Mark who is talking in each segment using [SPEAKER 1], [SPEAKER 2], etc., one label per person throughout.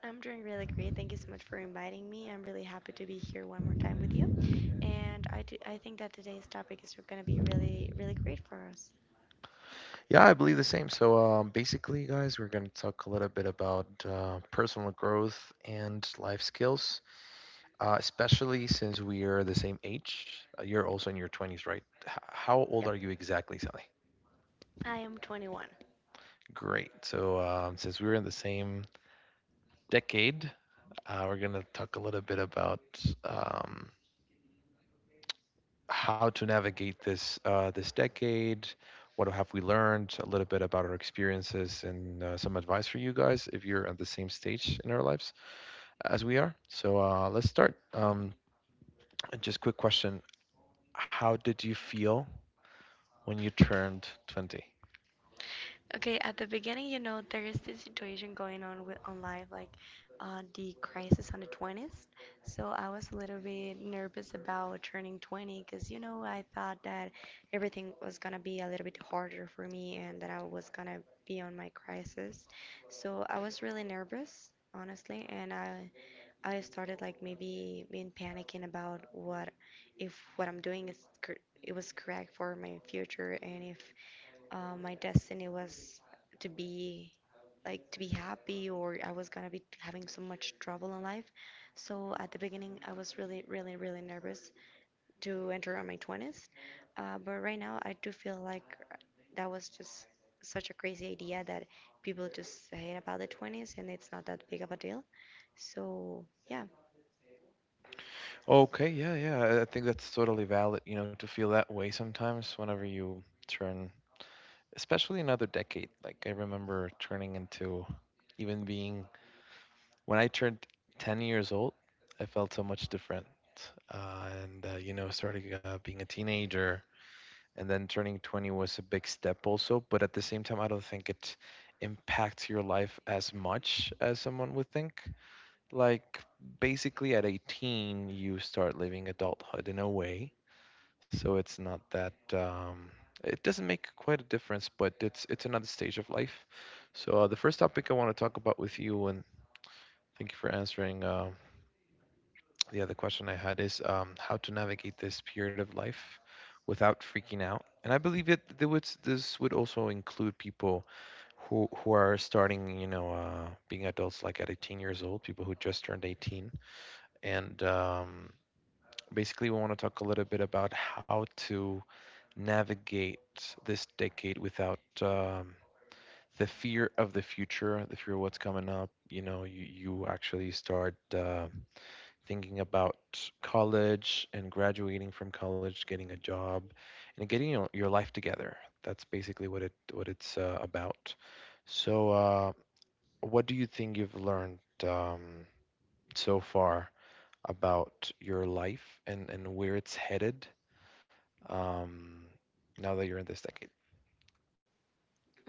[SPEAKER 1] I'm doing really great. Thank you so much for inviting me. I'm really happy to be here one more time with you. And I think that today's topic is going to be really, really great for us. Yep. I am 21. Okay, at the beginning, you know, there is this situation going on with on life, like the crisis on the 20s. So I was a little bit nervous about turning 20 because, you know, I thought that everything was gonna be a little bit harder for me and that I was gonna be on my crisis. So I was really nervous, honestly, and I started like maybe being panicking about what if what I'm doing is cor- it was correct for my future and if my destiny was to be to be happy, or I was gonna be having so much trouble in life. So at the beginning, I was really, really, really nervous to enter on my 20s. But right now, I do feel like that was just such a crazy idea that people just hate about the 20s, and it's not that big of a deal. So yeah.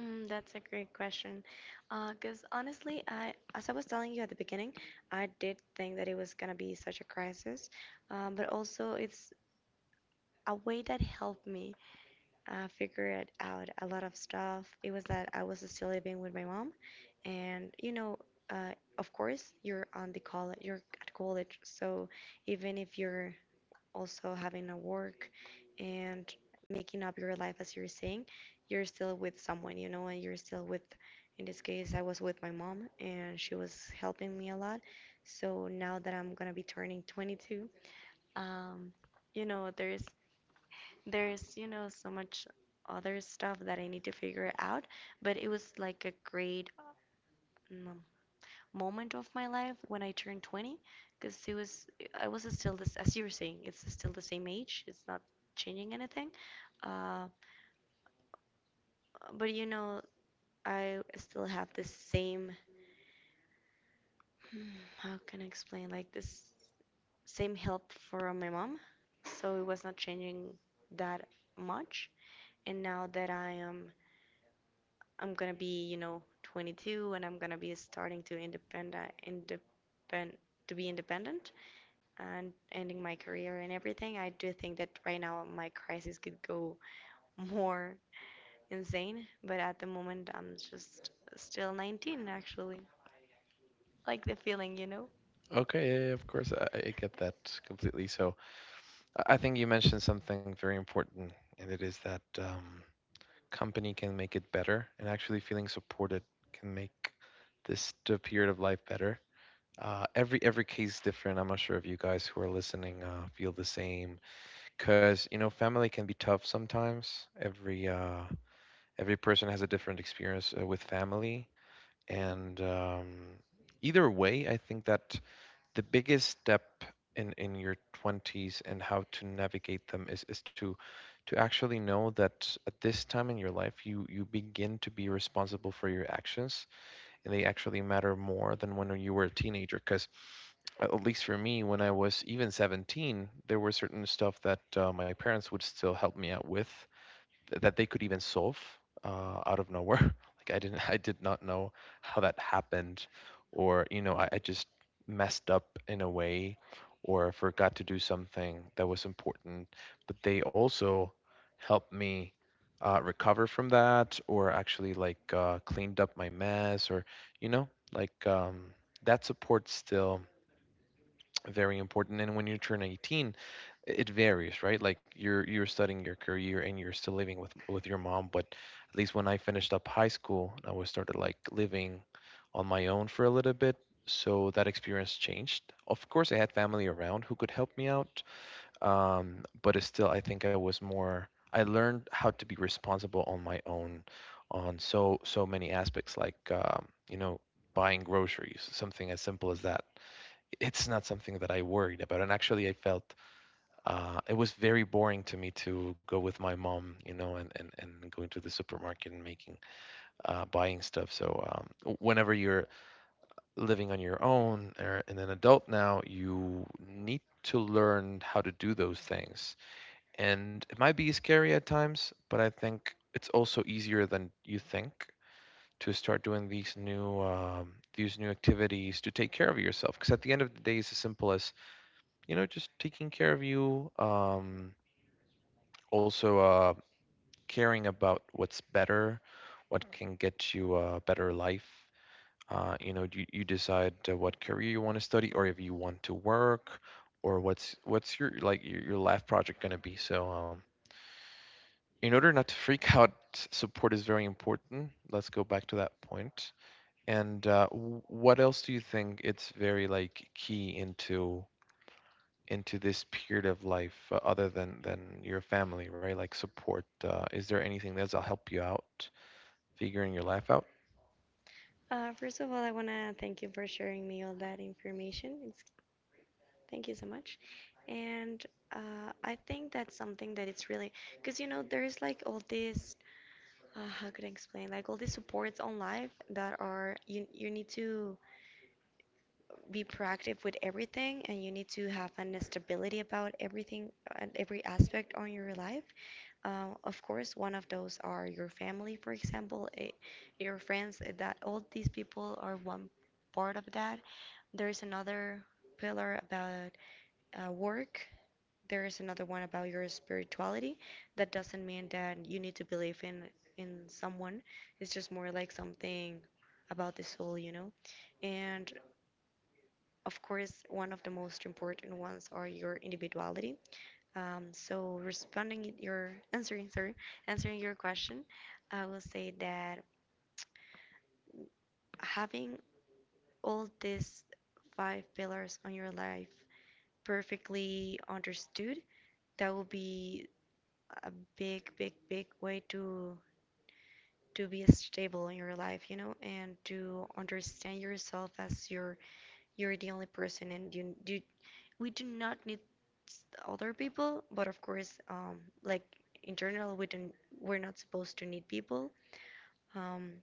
[SPEAKER 1] Mm, that's a great question. Because honestly, I, as I was telling you at the beginning, I did think that it was gonna be such a crisis, but also it's a way that helped me figure it out. A lot of stuff. It was that I was still living with my mom, and you know, uh, of course, you're at college, so even if you're also having a work and making up your life as you're saying, you're still with someone, you know, and you're still with, in this case, I was with my mom and she was helping me a lot. So now that I'm gonna be turning 22, um, you know, there's you know so much other stuff that I need to figure out, but it was like a great um, moment of my life when I turned 20 because it was I was still this as you were saying, it's still the same age, it's not changing anything, uh, but you know I still have this same how can I explain, like, this same help from my mom, so it was not changing that much. And now that I'm gonna be, you know, 22 and I'm gonna be starting to independent independent to be independent and ending my career and everything, I do think that right now my crisis could go more insane. But at the moment, I'm just still 19, actually. Like the feeling, you know? First of all, I want to thank you for sharing me all that information. It's, thank you so much. And I think that's something that it's really because you know there's like all this how could I explain, like all these supports on life that are you need to be proactive with everything and you need to have an stability about everything and every aspect on your life. Of course, one of those are your family, for example, your friends, that all these people are one part of that. There's another pillar about work. There's another one about your spirituality. That doesn't mean that you need to believe in someone. It's just more like something about the soul, you know. And of course, one of the most important ones are your individuality. So responding your Answering, sorry, answering your question, I will say that having all these five pillars on your life perfectly understood, that will be a big, big, big way to be stable in your life, you know, and to understand yourself as you're the only person and you we do not need other people, but of course, like in general, we're not supposed to need people. Um,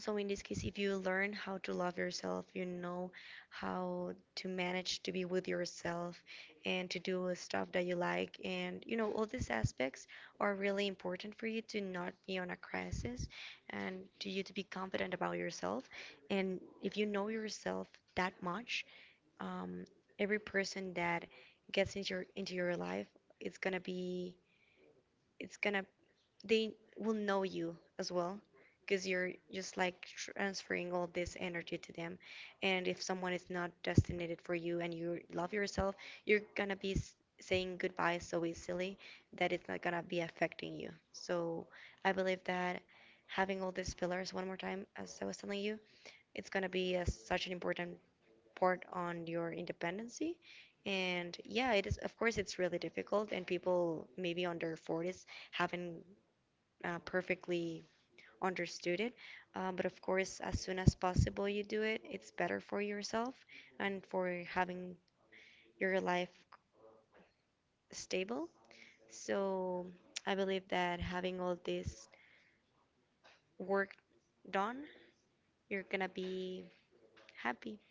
[SPEAKER 1] so in this case, if you learn how to love yourself, you know how to manage to be with yourself and to do stuff that you like, and you know all these aspects are really important for you to not be on a crisis and to you to be confident about yourself. And if you know yourself that much, um, every person that gets into your life, it's gonna be it's gonna they will know you as well, because you're just like transferring all this energy to them. And if someone is not destined for you and you love yourself, you're gonna be saying goodbye so easily that it's not gonna be affecting you. So I believe that having all these pillars, one more time as I was telling you, it's gonna be a, such an important report on your independency. And yeah, it is, of course, it's really difficult, and people maybe under 40s haven't perfectly understood it. But of course, as soon as possible you do it, it's better for yourself and for having your life stable. So I believe that having all this work done, you're gonna be happy.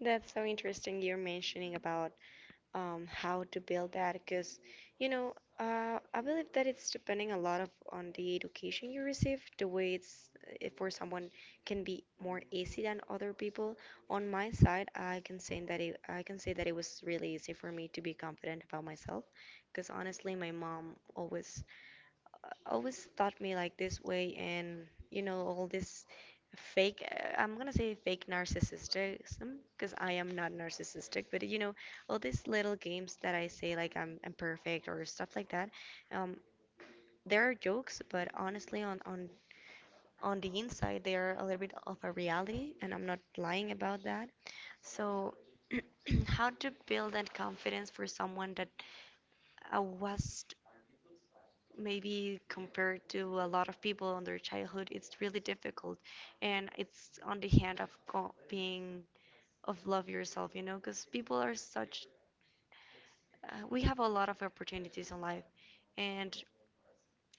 [SPEAKER 1] That's so interesting you're mentioning about how to build that, because you know I believe that it's depending a lot of on the education you receive, the way it's if for someone can be more easy than other people. On my side I can say that I can say that it was really easy for me to be confident about myself, because honestly my mom always taught me like this way. And you know all this fake, I'm gonna say fake narcissism, because I am not narcissistic, but you know all these little games that I say, like I'm perfect or stuff like that, um, there are jokes, but honestly on the inside they are a little bit of a reality, and I'm not lying about that. So how to build that confidence for someone that was maybe compared to a lot of people on their childhood, it's really difficult. And it's on the hand of love yourself, you know, because people are such, we have a lot of opportunities in life. And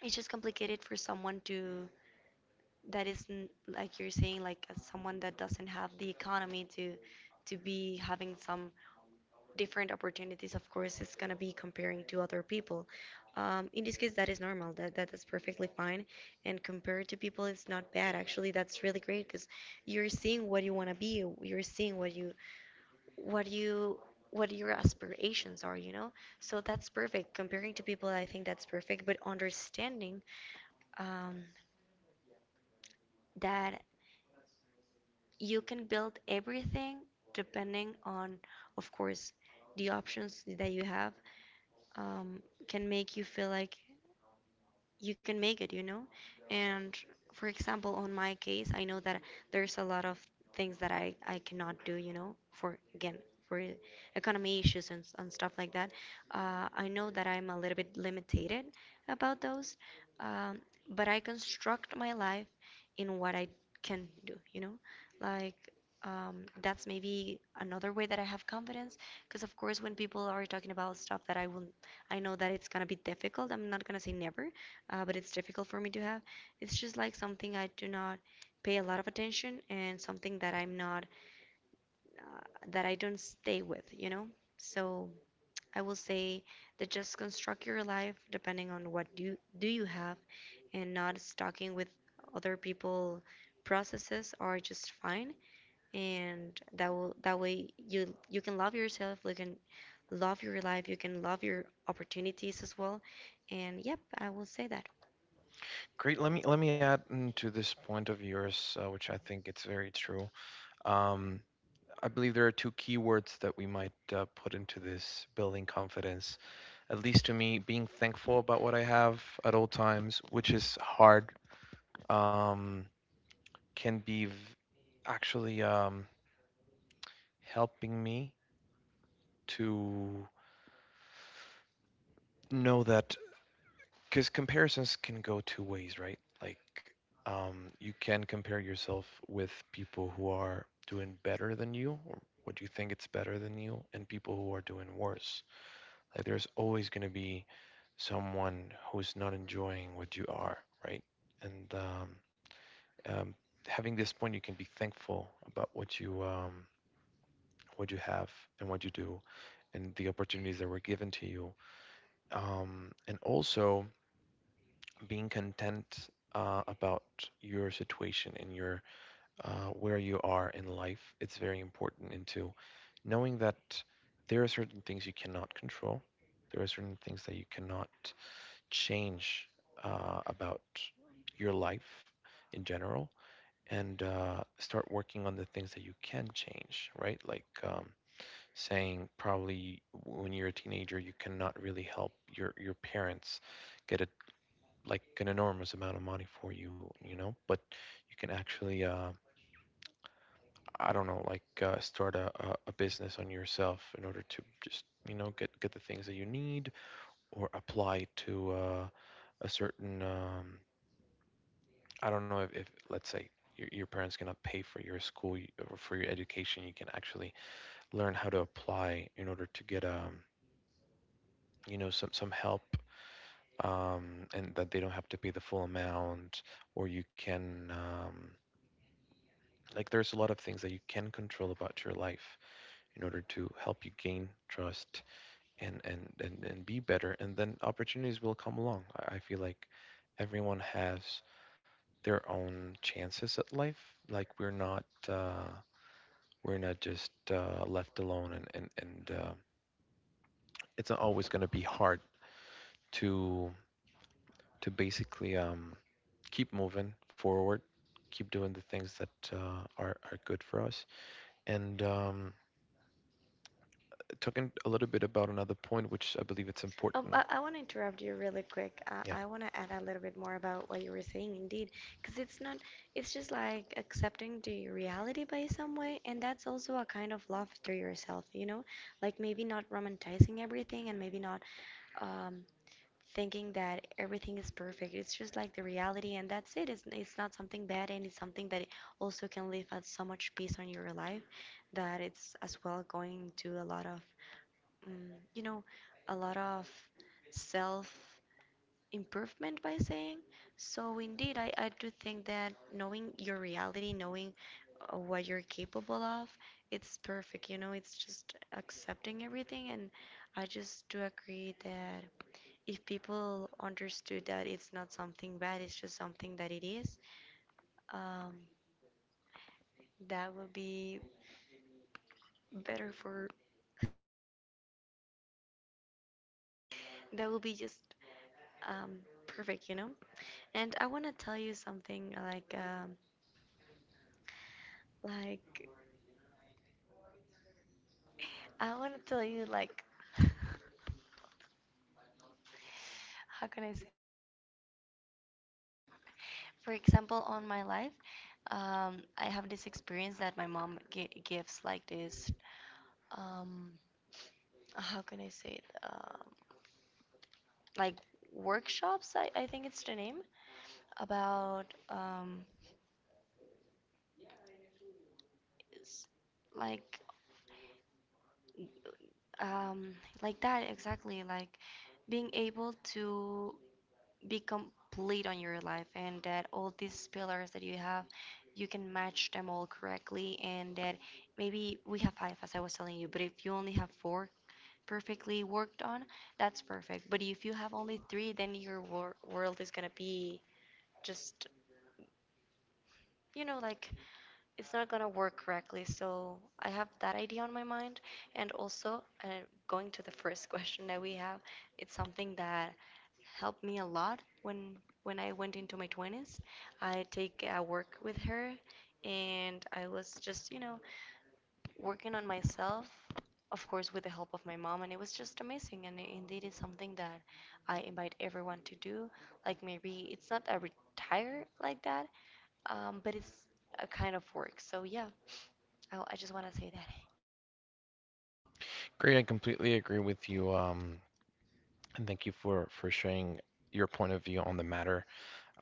[SPEAKER 1] it's just complicated for someone to that isn't, like you're saying, like as someone that doesn't have the economy to be having some different opportunities. Of course it's going to be comparing to other people. In this case that is normal, that is perfectly fine, and compared to people it's not bad, actually that's really great, because you're seeing what you want to be, you're seeing what you what your aspirations are, you know. So that's perfect, comparing to people, I think that's perfect. But understanding um, that you can build everything depending on, of course, the options that you have, um, can make you feel like you can make it, you know? And for example, on my case, I know that there's a lot of things that I cannot do, you know, for again, for economy issues and stuff like that. I know that I'm a little bit limited about those, um, but I construct my life in what I can do, you know? Like, that's maybe another way that I have confidence. Because of course, when people are talking about stuff that I know that it's gonna be difficult. I'm not gonna say never, but it's difficult for me to have. It's just like something I do not pay a lot of attention, and something that I'm not, uh, that I don't stay with, you know? So I will say that just construct your life depending on what do you have, and not stocking with other people processes are just fine, and that way you can love yourself, you can love your life, you can love your opportunities as well. And yep, I will say that. I want to interrupt you really quick. I want to add a little bit more about what you were saying, indeed, because it's not, it's just like accepting the reality by some way, and that's also a kind of love to yourself, you know? Like maybe not romanticizing everything and maybe not um, thinking that everything is perfect. It's just like the reality, and that's it. It's not something bad, and it's something that also can leave us so much peace on your life that it's as well going to a lot of, you know, a lot of self improvement by saying. So, indeed, I do think that knowing your reality, knowing what you're capable of, it's perfect. You know, it's just accepting everything, and I just do agree that if people understood that it's not something bad, it's just something that it is, um, that would be better for, that would be just um, perfect, you know? And I want to tell you something like, I want to tell you, how can I say? For example, on my life, I have this experience that my mom gi gives like this, um, how can I say it? Like workshops, I think it's the name. About s- like um like that exactly, like being able to be complete on your life, and that all these pillars that you have, you can match them all correctly, and that maybe we have five, as I was telling you, but if you only have four perfectly worked on, that's perfect. But if you have only three, then your world is gonna be just, you know, like, it's not gonna work correctly. So I have that idea on my mind. And also, going to the first question that we have, it's something that helped me a lot when I went into my 20s. I take work with her, and I was just, you know, working on myself, of course, with the help of my mom, and it was just amazing. And indeed, it's something that I invite everyone to do. Like, maybe it's not a retire like that, but it's a kind of work. So yeah, I just want to say that.
[SPEAKER 2] Great, I completely agree with you. And thank you for sharing your point of view on the matter.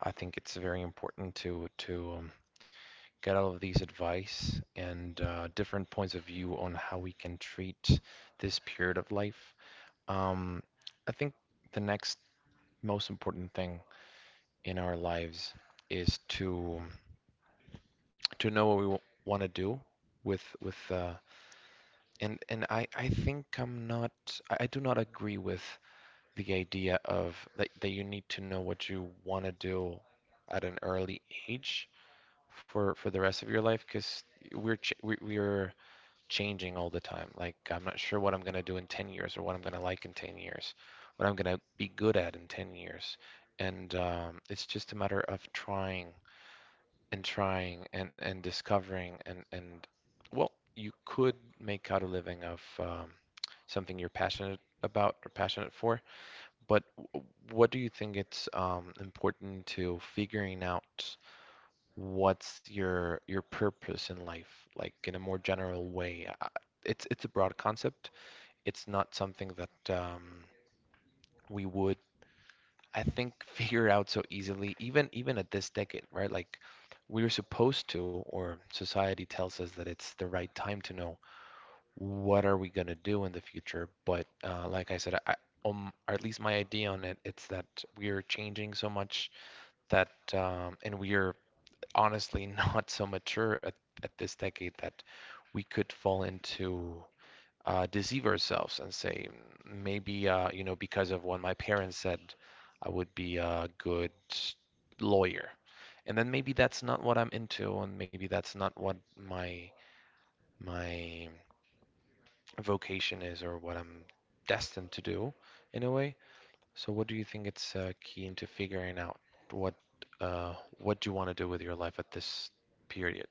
[SPEAKER 2] I think it's very important to get all of these advice and different points of view on how we can treat this period of life. Um, I think the next most important thing in our lives is to know what we want to do with and I think I do not agree with the idea of that you need to know what you want to do at an early age for the rest of your life because we're changing all the time. Like I'm not sure what I'm gonna do in 10 years or what I'm gonna like in 10 years, what I'm gonna be good at in 10 years, and it's just a matter of trying and trying and discovering and well, you could make out a living of something you're passionate about or passionate for, but what do you think, it's important to figuring out what's your purpose in life, like in a more general way? It's a broad concept. It's not something that we would, I think, figure out so easily, even at this decade, right? Like we're supposed to, or society tells us that it's the right time to know what are we gonna do in the future. But like I said, or at least my idea on it, it's that we are changing so much that and we are honestly not so mature at this decade that we could fall into deceive ourselves and say maybe you know, because of what my parents said I would be a good lawyer, and then maybe that's not what I'm into, and maybe that's not what my vocation is or what I'm destined to do in a way. So what do you think it's key into figuring out what uh, what you want to do with your life at this period?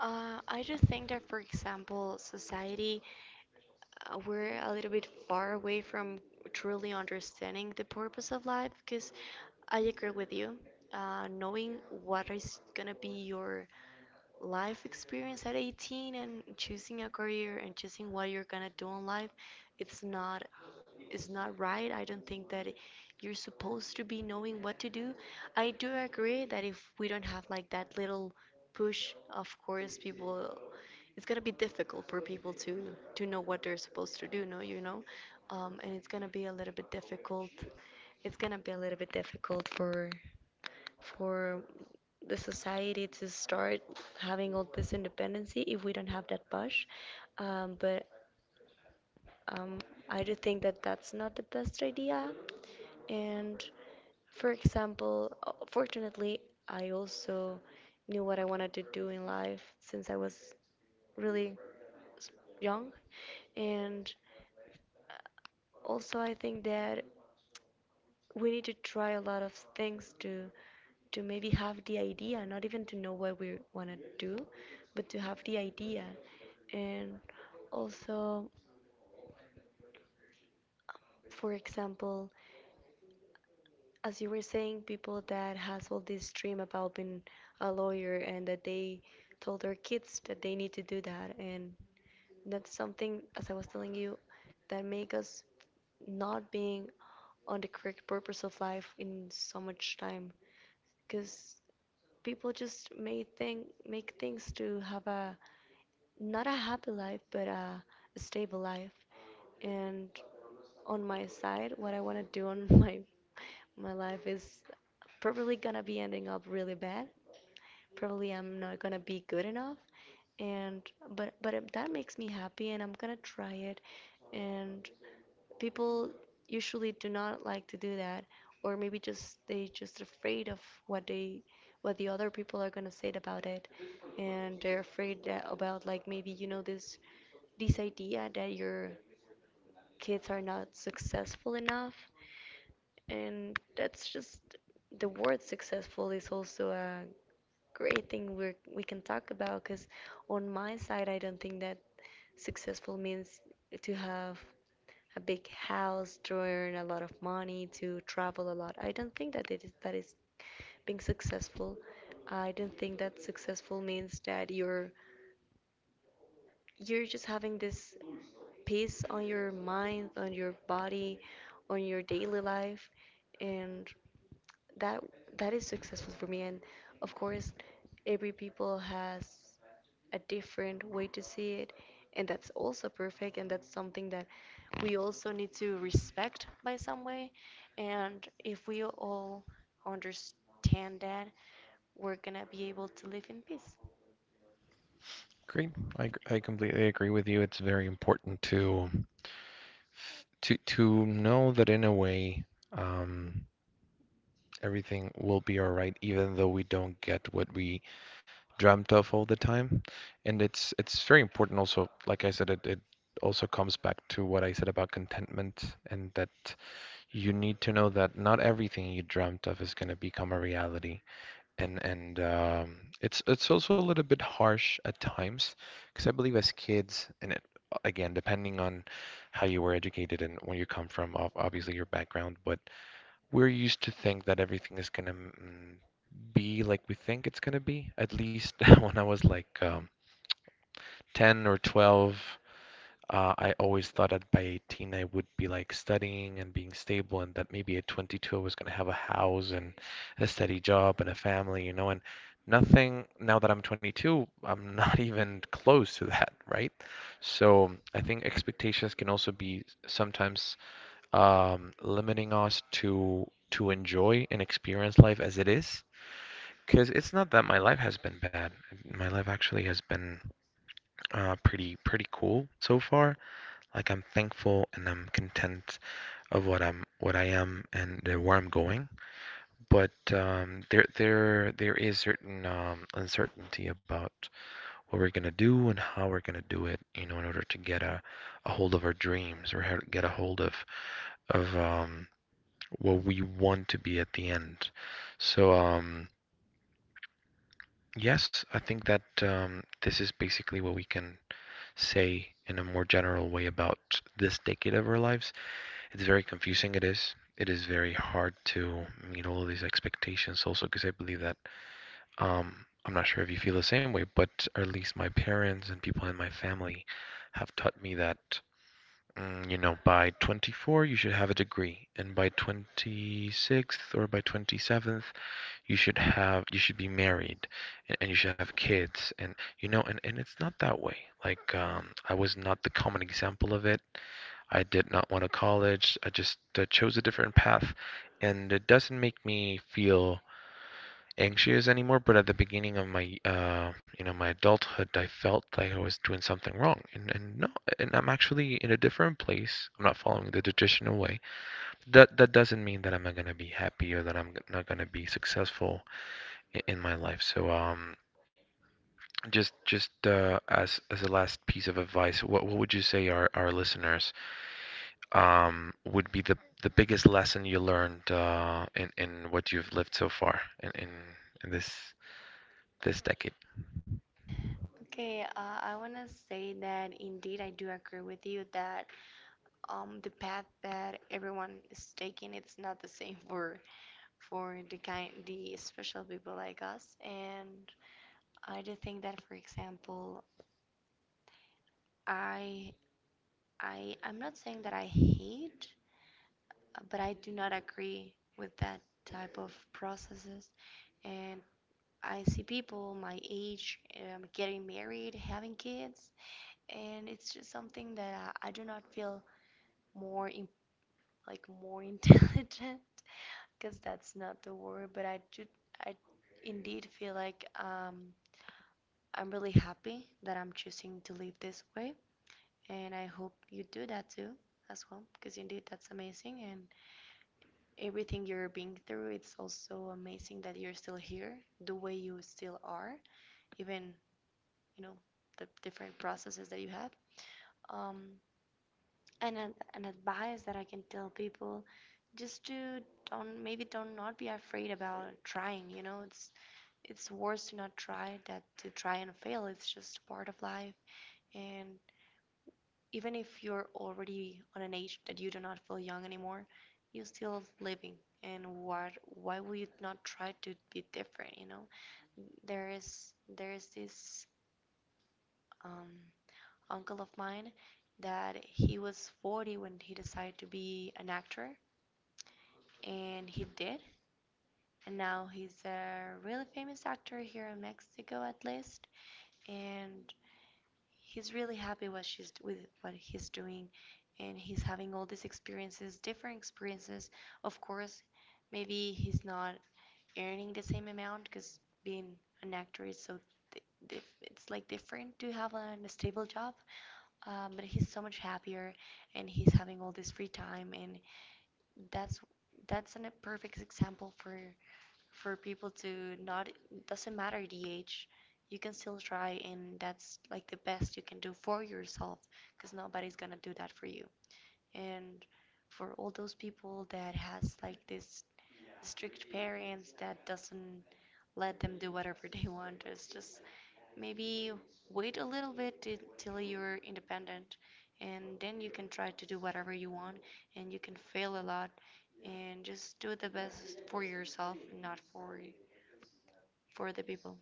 [SPEAKER 1] I just think that, for example, society, we're a little bit far away from truly understanding the purpose of life, because I agree with you. Knowing what is gonna be your life experience at 18 and choosing a career and choosing what you're gonna do in life, it's not, it's not right. I don't think that you're supposed to be knowing what to do. I do agree that if we don't have like that little push, of course, people, it's gonna be difficult for people to know what they're supposed to do. No, you know, and it's gonna be a little bit difficult. It's gonna be a little bit difficult for for the society to start having all this independency if we don't have that push. But um, I do think that that's not the best idea. And for example, fortunately, I also knew what I wanted to do in life since I was really s- young. And also, I think that we need to try a lot of things to maybe have the idea, not even to know what we want to do, but to have the idea. And also, for example, as you were saying, people that has all this dream about being a lawyer and that they told their kids that they need to do that, and that's something, as I was telling you, that make us not being on the correct purpose of life in so much time. Because people just may think make things to have a, not a happy life, but a stable life. And on my side, what I want to do on my life is probably gonna be ending up really bad. Probably I'm not gonna be good enough, and, but that makes me happy and I'm gonna try it. And people usually do not like to do that, or maybe just, they just afraid of what they, what the other people are gonna say about it. And they're afraid that, about like, maybe, you know, this idea that your kids are not successful enough. And that's just, the word successful is also a great thing we can talk about, because on my side, I don't think that successful means to have a big house, to earn a lot of money, to travel a lot. I don't think that it is, that is being successful. I don't think that successful means that you're just having this peace on your mind, on your body, on your daily life, and that, that is successful for me. And of course, every people has a different way to see it, and that's also perfect, and that's something that we also need to respect by some way. And if we all understand that, we're gonna be able to live in peace.
[SPEAKER 2] Great. I completely agree with you. It's very important to know that in a way, um, everything will be all right, even though we don't get what we dreamt of all the time. And it's very important also, like I said, it also comes back to what I said about contentment, and that you need to know that not everything you dreamt of is going to become a reality. And it's also a little bit harsh at times, because I believe as kids, and it, again, depending on how you were educated and where you come from, obviously your background, but we're used to think that everything is gonna be like we think it's gonna be. At least when I was like 10 or 12, I always thought that by 18 I would be like studying and being stable, and that maybe at 22 I was going to have a house and a steady job and a family, you know, and nothing, now that I'm 22, I'm not even close to that, right? So I think expectations can also be sometimes limiting us to enjoy and experience life as it is. Because it's not that my life has been bad. My life actually has been pretty cool so far. Like I'm thankful and I'm content of what I am, and where I'm going. But there is certain uncertainty about what we're gonna do and how we're gonna do it, you know, in order to get a hold of our dreams, or how to get a hold of of um, what we want to be at the end. So yes, I think that this is basically what we can say in a more general way about this decade of our lives. It's very confusing, it is. It is very hard to meet all of these expectations also, because I believe that I'm not sure if you feel the same way, but at least my parents and people in my family have taught me that you know, by 24 you should have a degree, and by 26th or by 27th you should be married, and you should have kids, and you know, and it's not that way. Like I was not the common example of it. I did not want to college. I just chose a different path, and it doesn't make me feel anxious anymore. But at the beginning of my, you know, my adulthood, I felt like I was doing something wrong, and no, and I'm actually in a different place. I'm not following the traditional way. That doesn't mean that I'm not gonna be happy or that I'm not gonna be successful in my life. So. Just as a last piece of advice, what would you say our listeners would be the biggest lesson you learned in what you've lived so far in this decade?
[SPEAKER 1] Okay, I want to say that indeed I do agree with you that, the path that everyone is taking, it's not the same for the kind, the special people like us. And I do think that, for example, I I'm not saying that I hate, but I do not agree with that type of processes. And I see people my age, getting married, having kids, and it's just something that I do not feel more in, like more intelligent, because that's not the word. But I do, I indeed feel like, I'm really happy that I'm choosing to live this way, and I hope you do that too as well, because indeed that's amazing. And everything you're being through, it's also amazing that you're still here the way you still are, even, you know, the different processes that you have. um and an advice that I can tell people, just to, don't maybe don't not be afraid about trying, you know? It's worse to not try that to try and fail. It's just part of life. And even if you're already on an age that you do not feel young anymore, you're still living. And what, why would you not try to be different, you know? There is this um, uncle of mine that he was 40 when he decided to be an actor, and he did. And now he's a really famous actor here in Mexico, at least. And he's really happy what she's, with what he's doing, and he's having all these experiences, different experiences. Of course, maybe he's not earning the same amount, because being an actor is so, it's like different to have a stable job. But he's so much happier, and he's having all this free time. And that's that's a perfect example for people to not, doesn't matter the age, you can still try, and that's like the best you can do for yourself, because nobody's gonna do that for you. And for all those people that has like this strict parents that doesn't let them do whatever they want, is just, maybe, wait a little bit till you're independent, and then you can try to do whatever you want, and you can fail a lot, and just do the best for yourself, not for the people.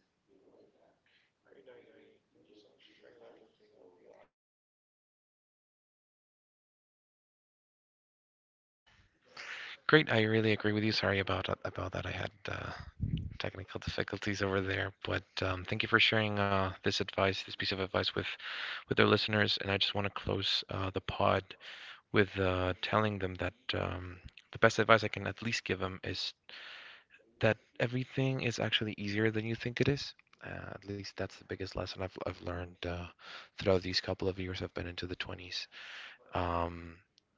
[SPEAKER 2] Great, I really agree with you. Sorry about that. I had technical difficulties over there, but thank you for sharing this advice, this piece of advice with our listeners. And I just want to close the pod with telling them that the best advice I can at least give them is that everything is actually easier than you think it is. At least that's the biggest lesson I've learned throughout these couple of years I've been into the 20s. Um,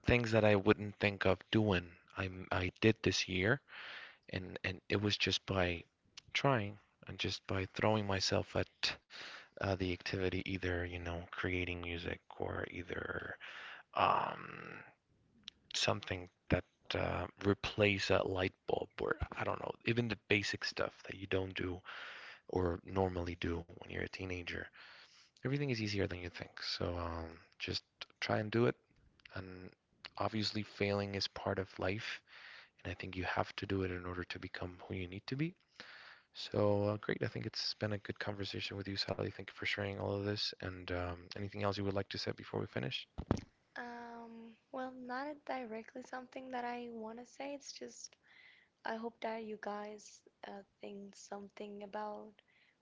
[SPEAKER 2] things that I wouldn't think of doing, I did this year, and it was just by trying, and just by throwing myself at the activity, either you know, creating music, or either um, something that replace a light bulb, or I don't know, even the basic stuff that you don't do or normally do when you're a teenager. Everything is easier than you think. So just try and do it. And obviously, failing is part of life. And I think you have to do it in order to become who you need to be. So great. I think it's been a good conversation with you, Sally. Thank you for sharing all of this. And anything else you would like to say before we finish?
[SPEAKER 1] Well, not directly something that I want to say. It's just, I hope that you guys think something about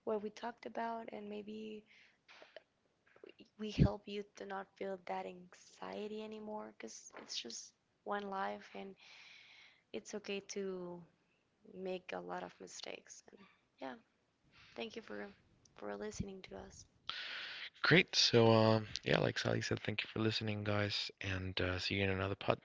[SPEAKER 1] what we talked about, and maybe we help you to not feel that anxiety anymore, because it's just one life, and it's okay to make a lot of mistakes. And yeah, thank you for listening to us.
[SPEAKER 2] Great. So, yeah, like Sally said, thank you for listening, guys. And see you in another pod.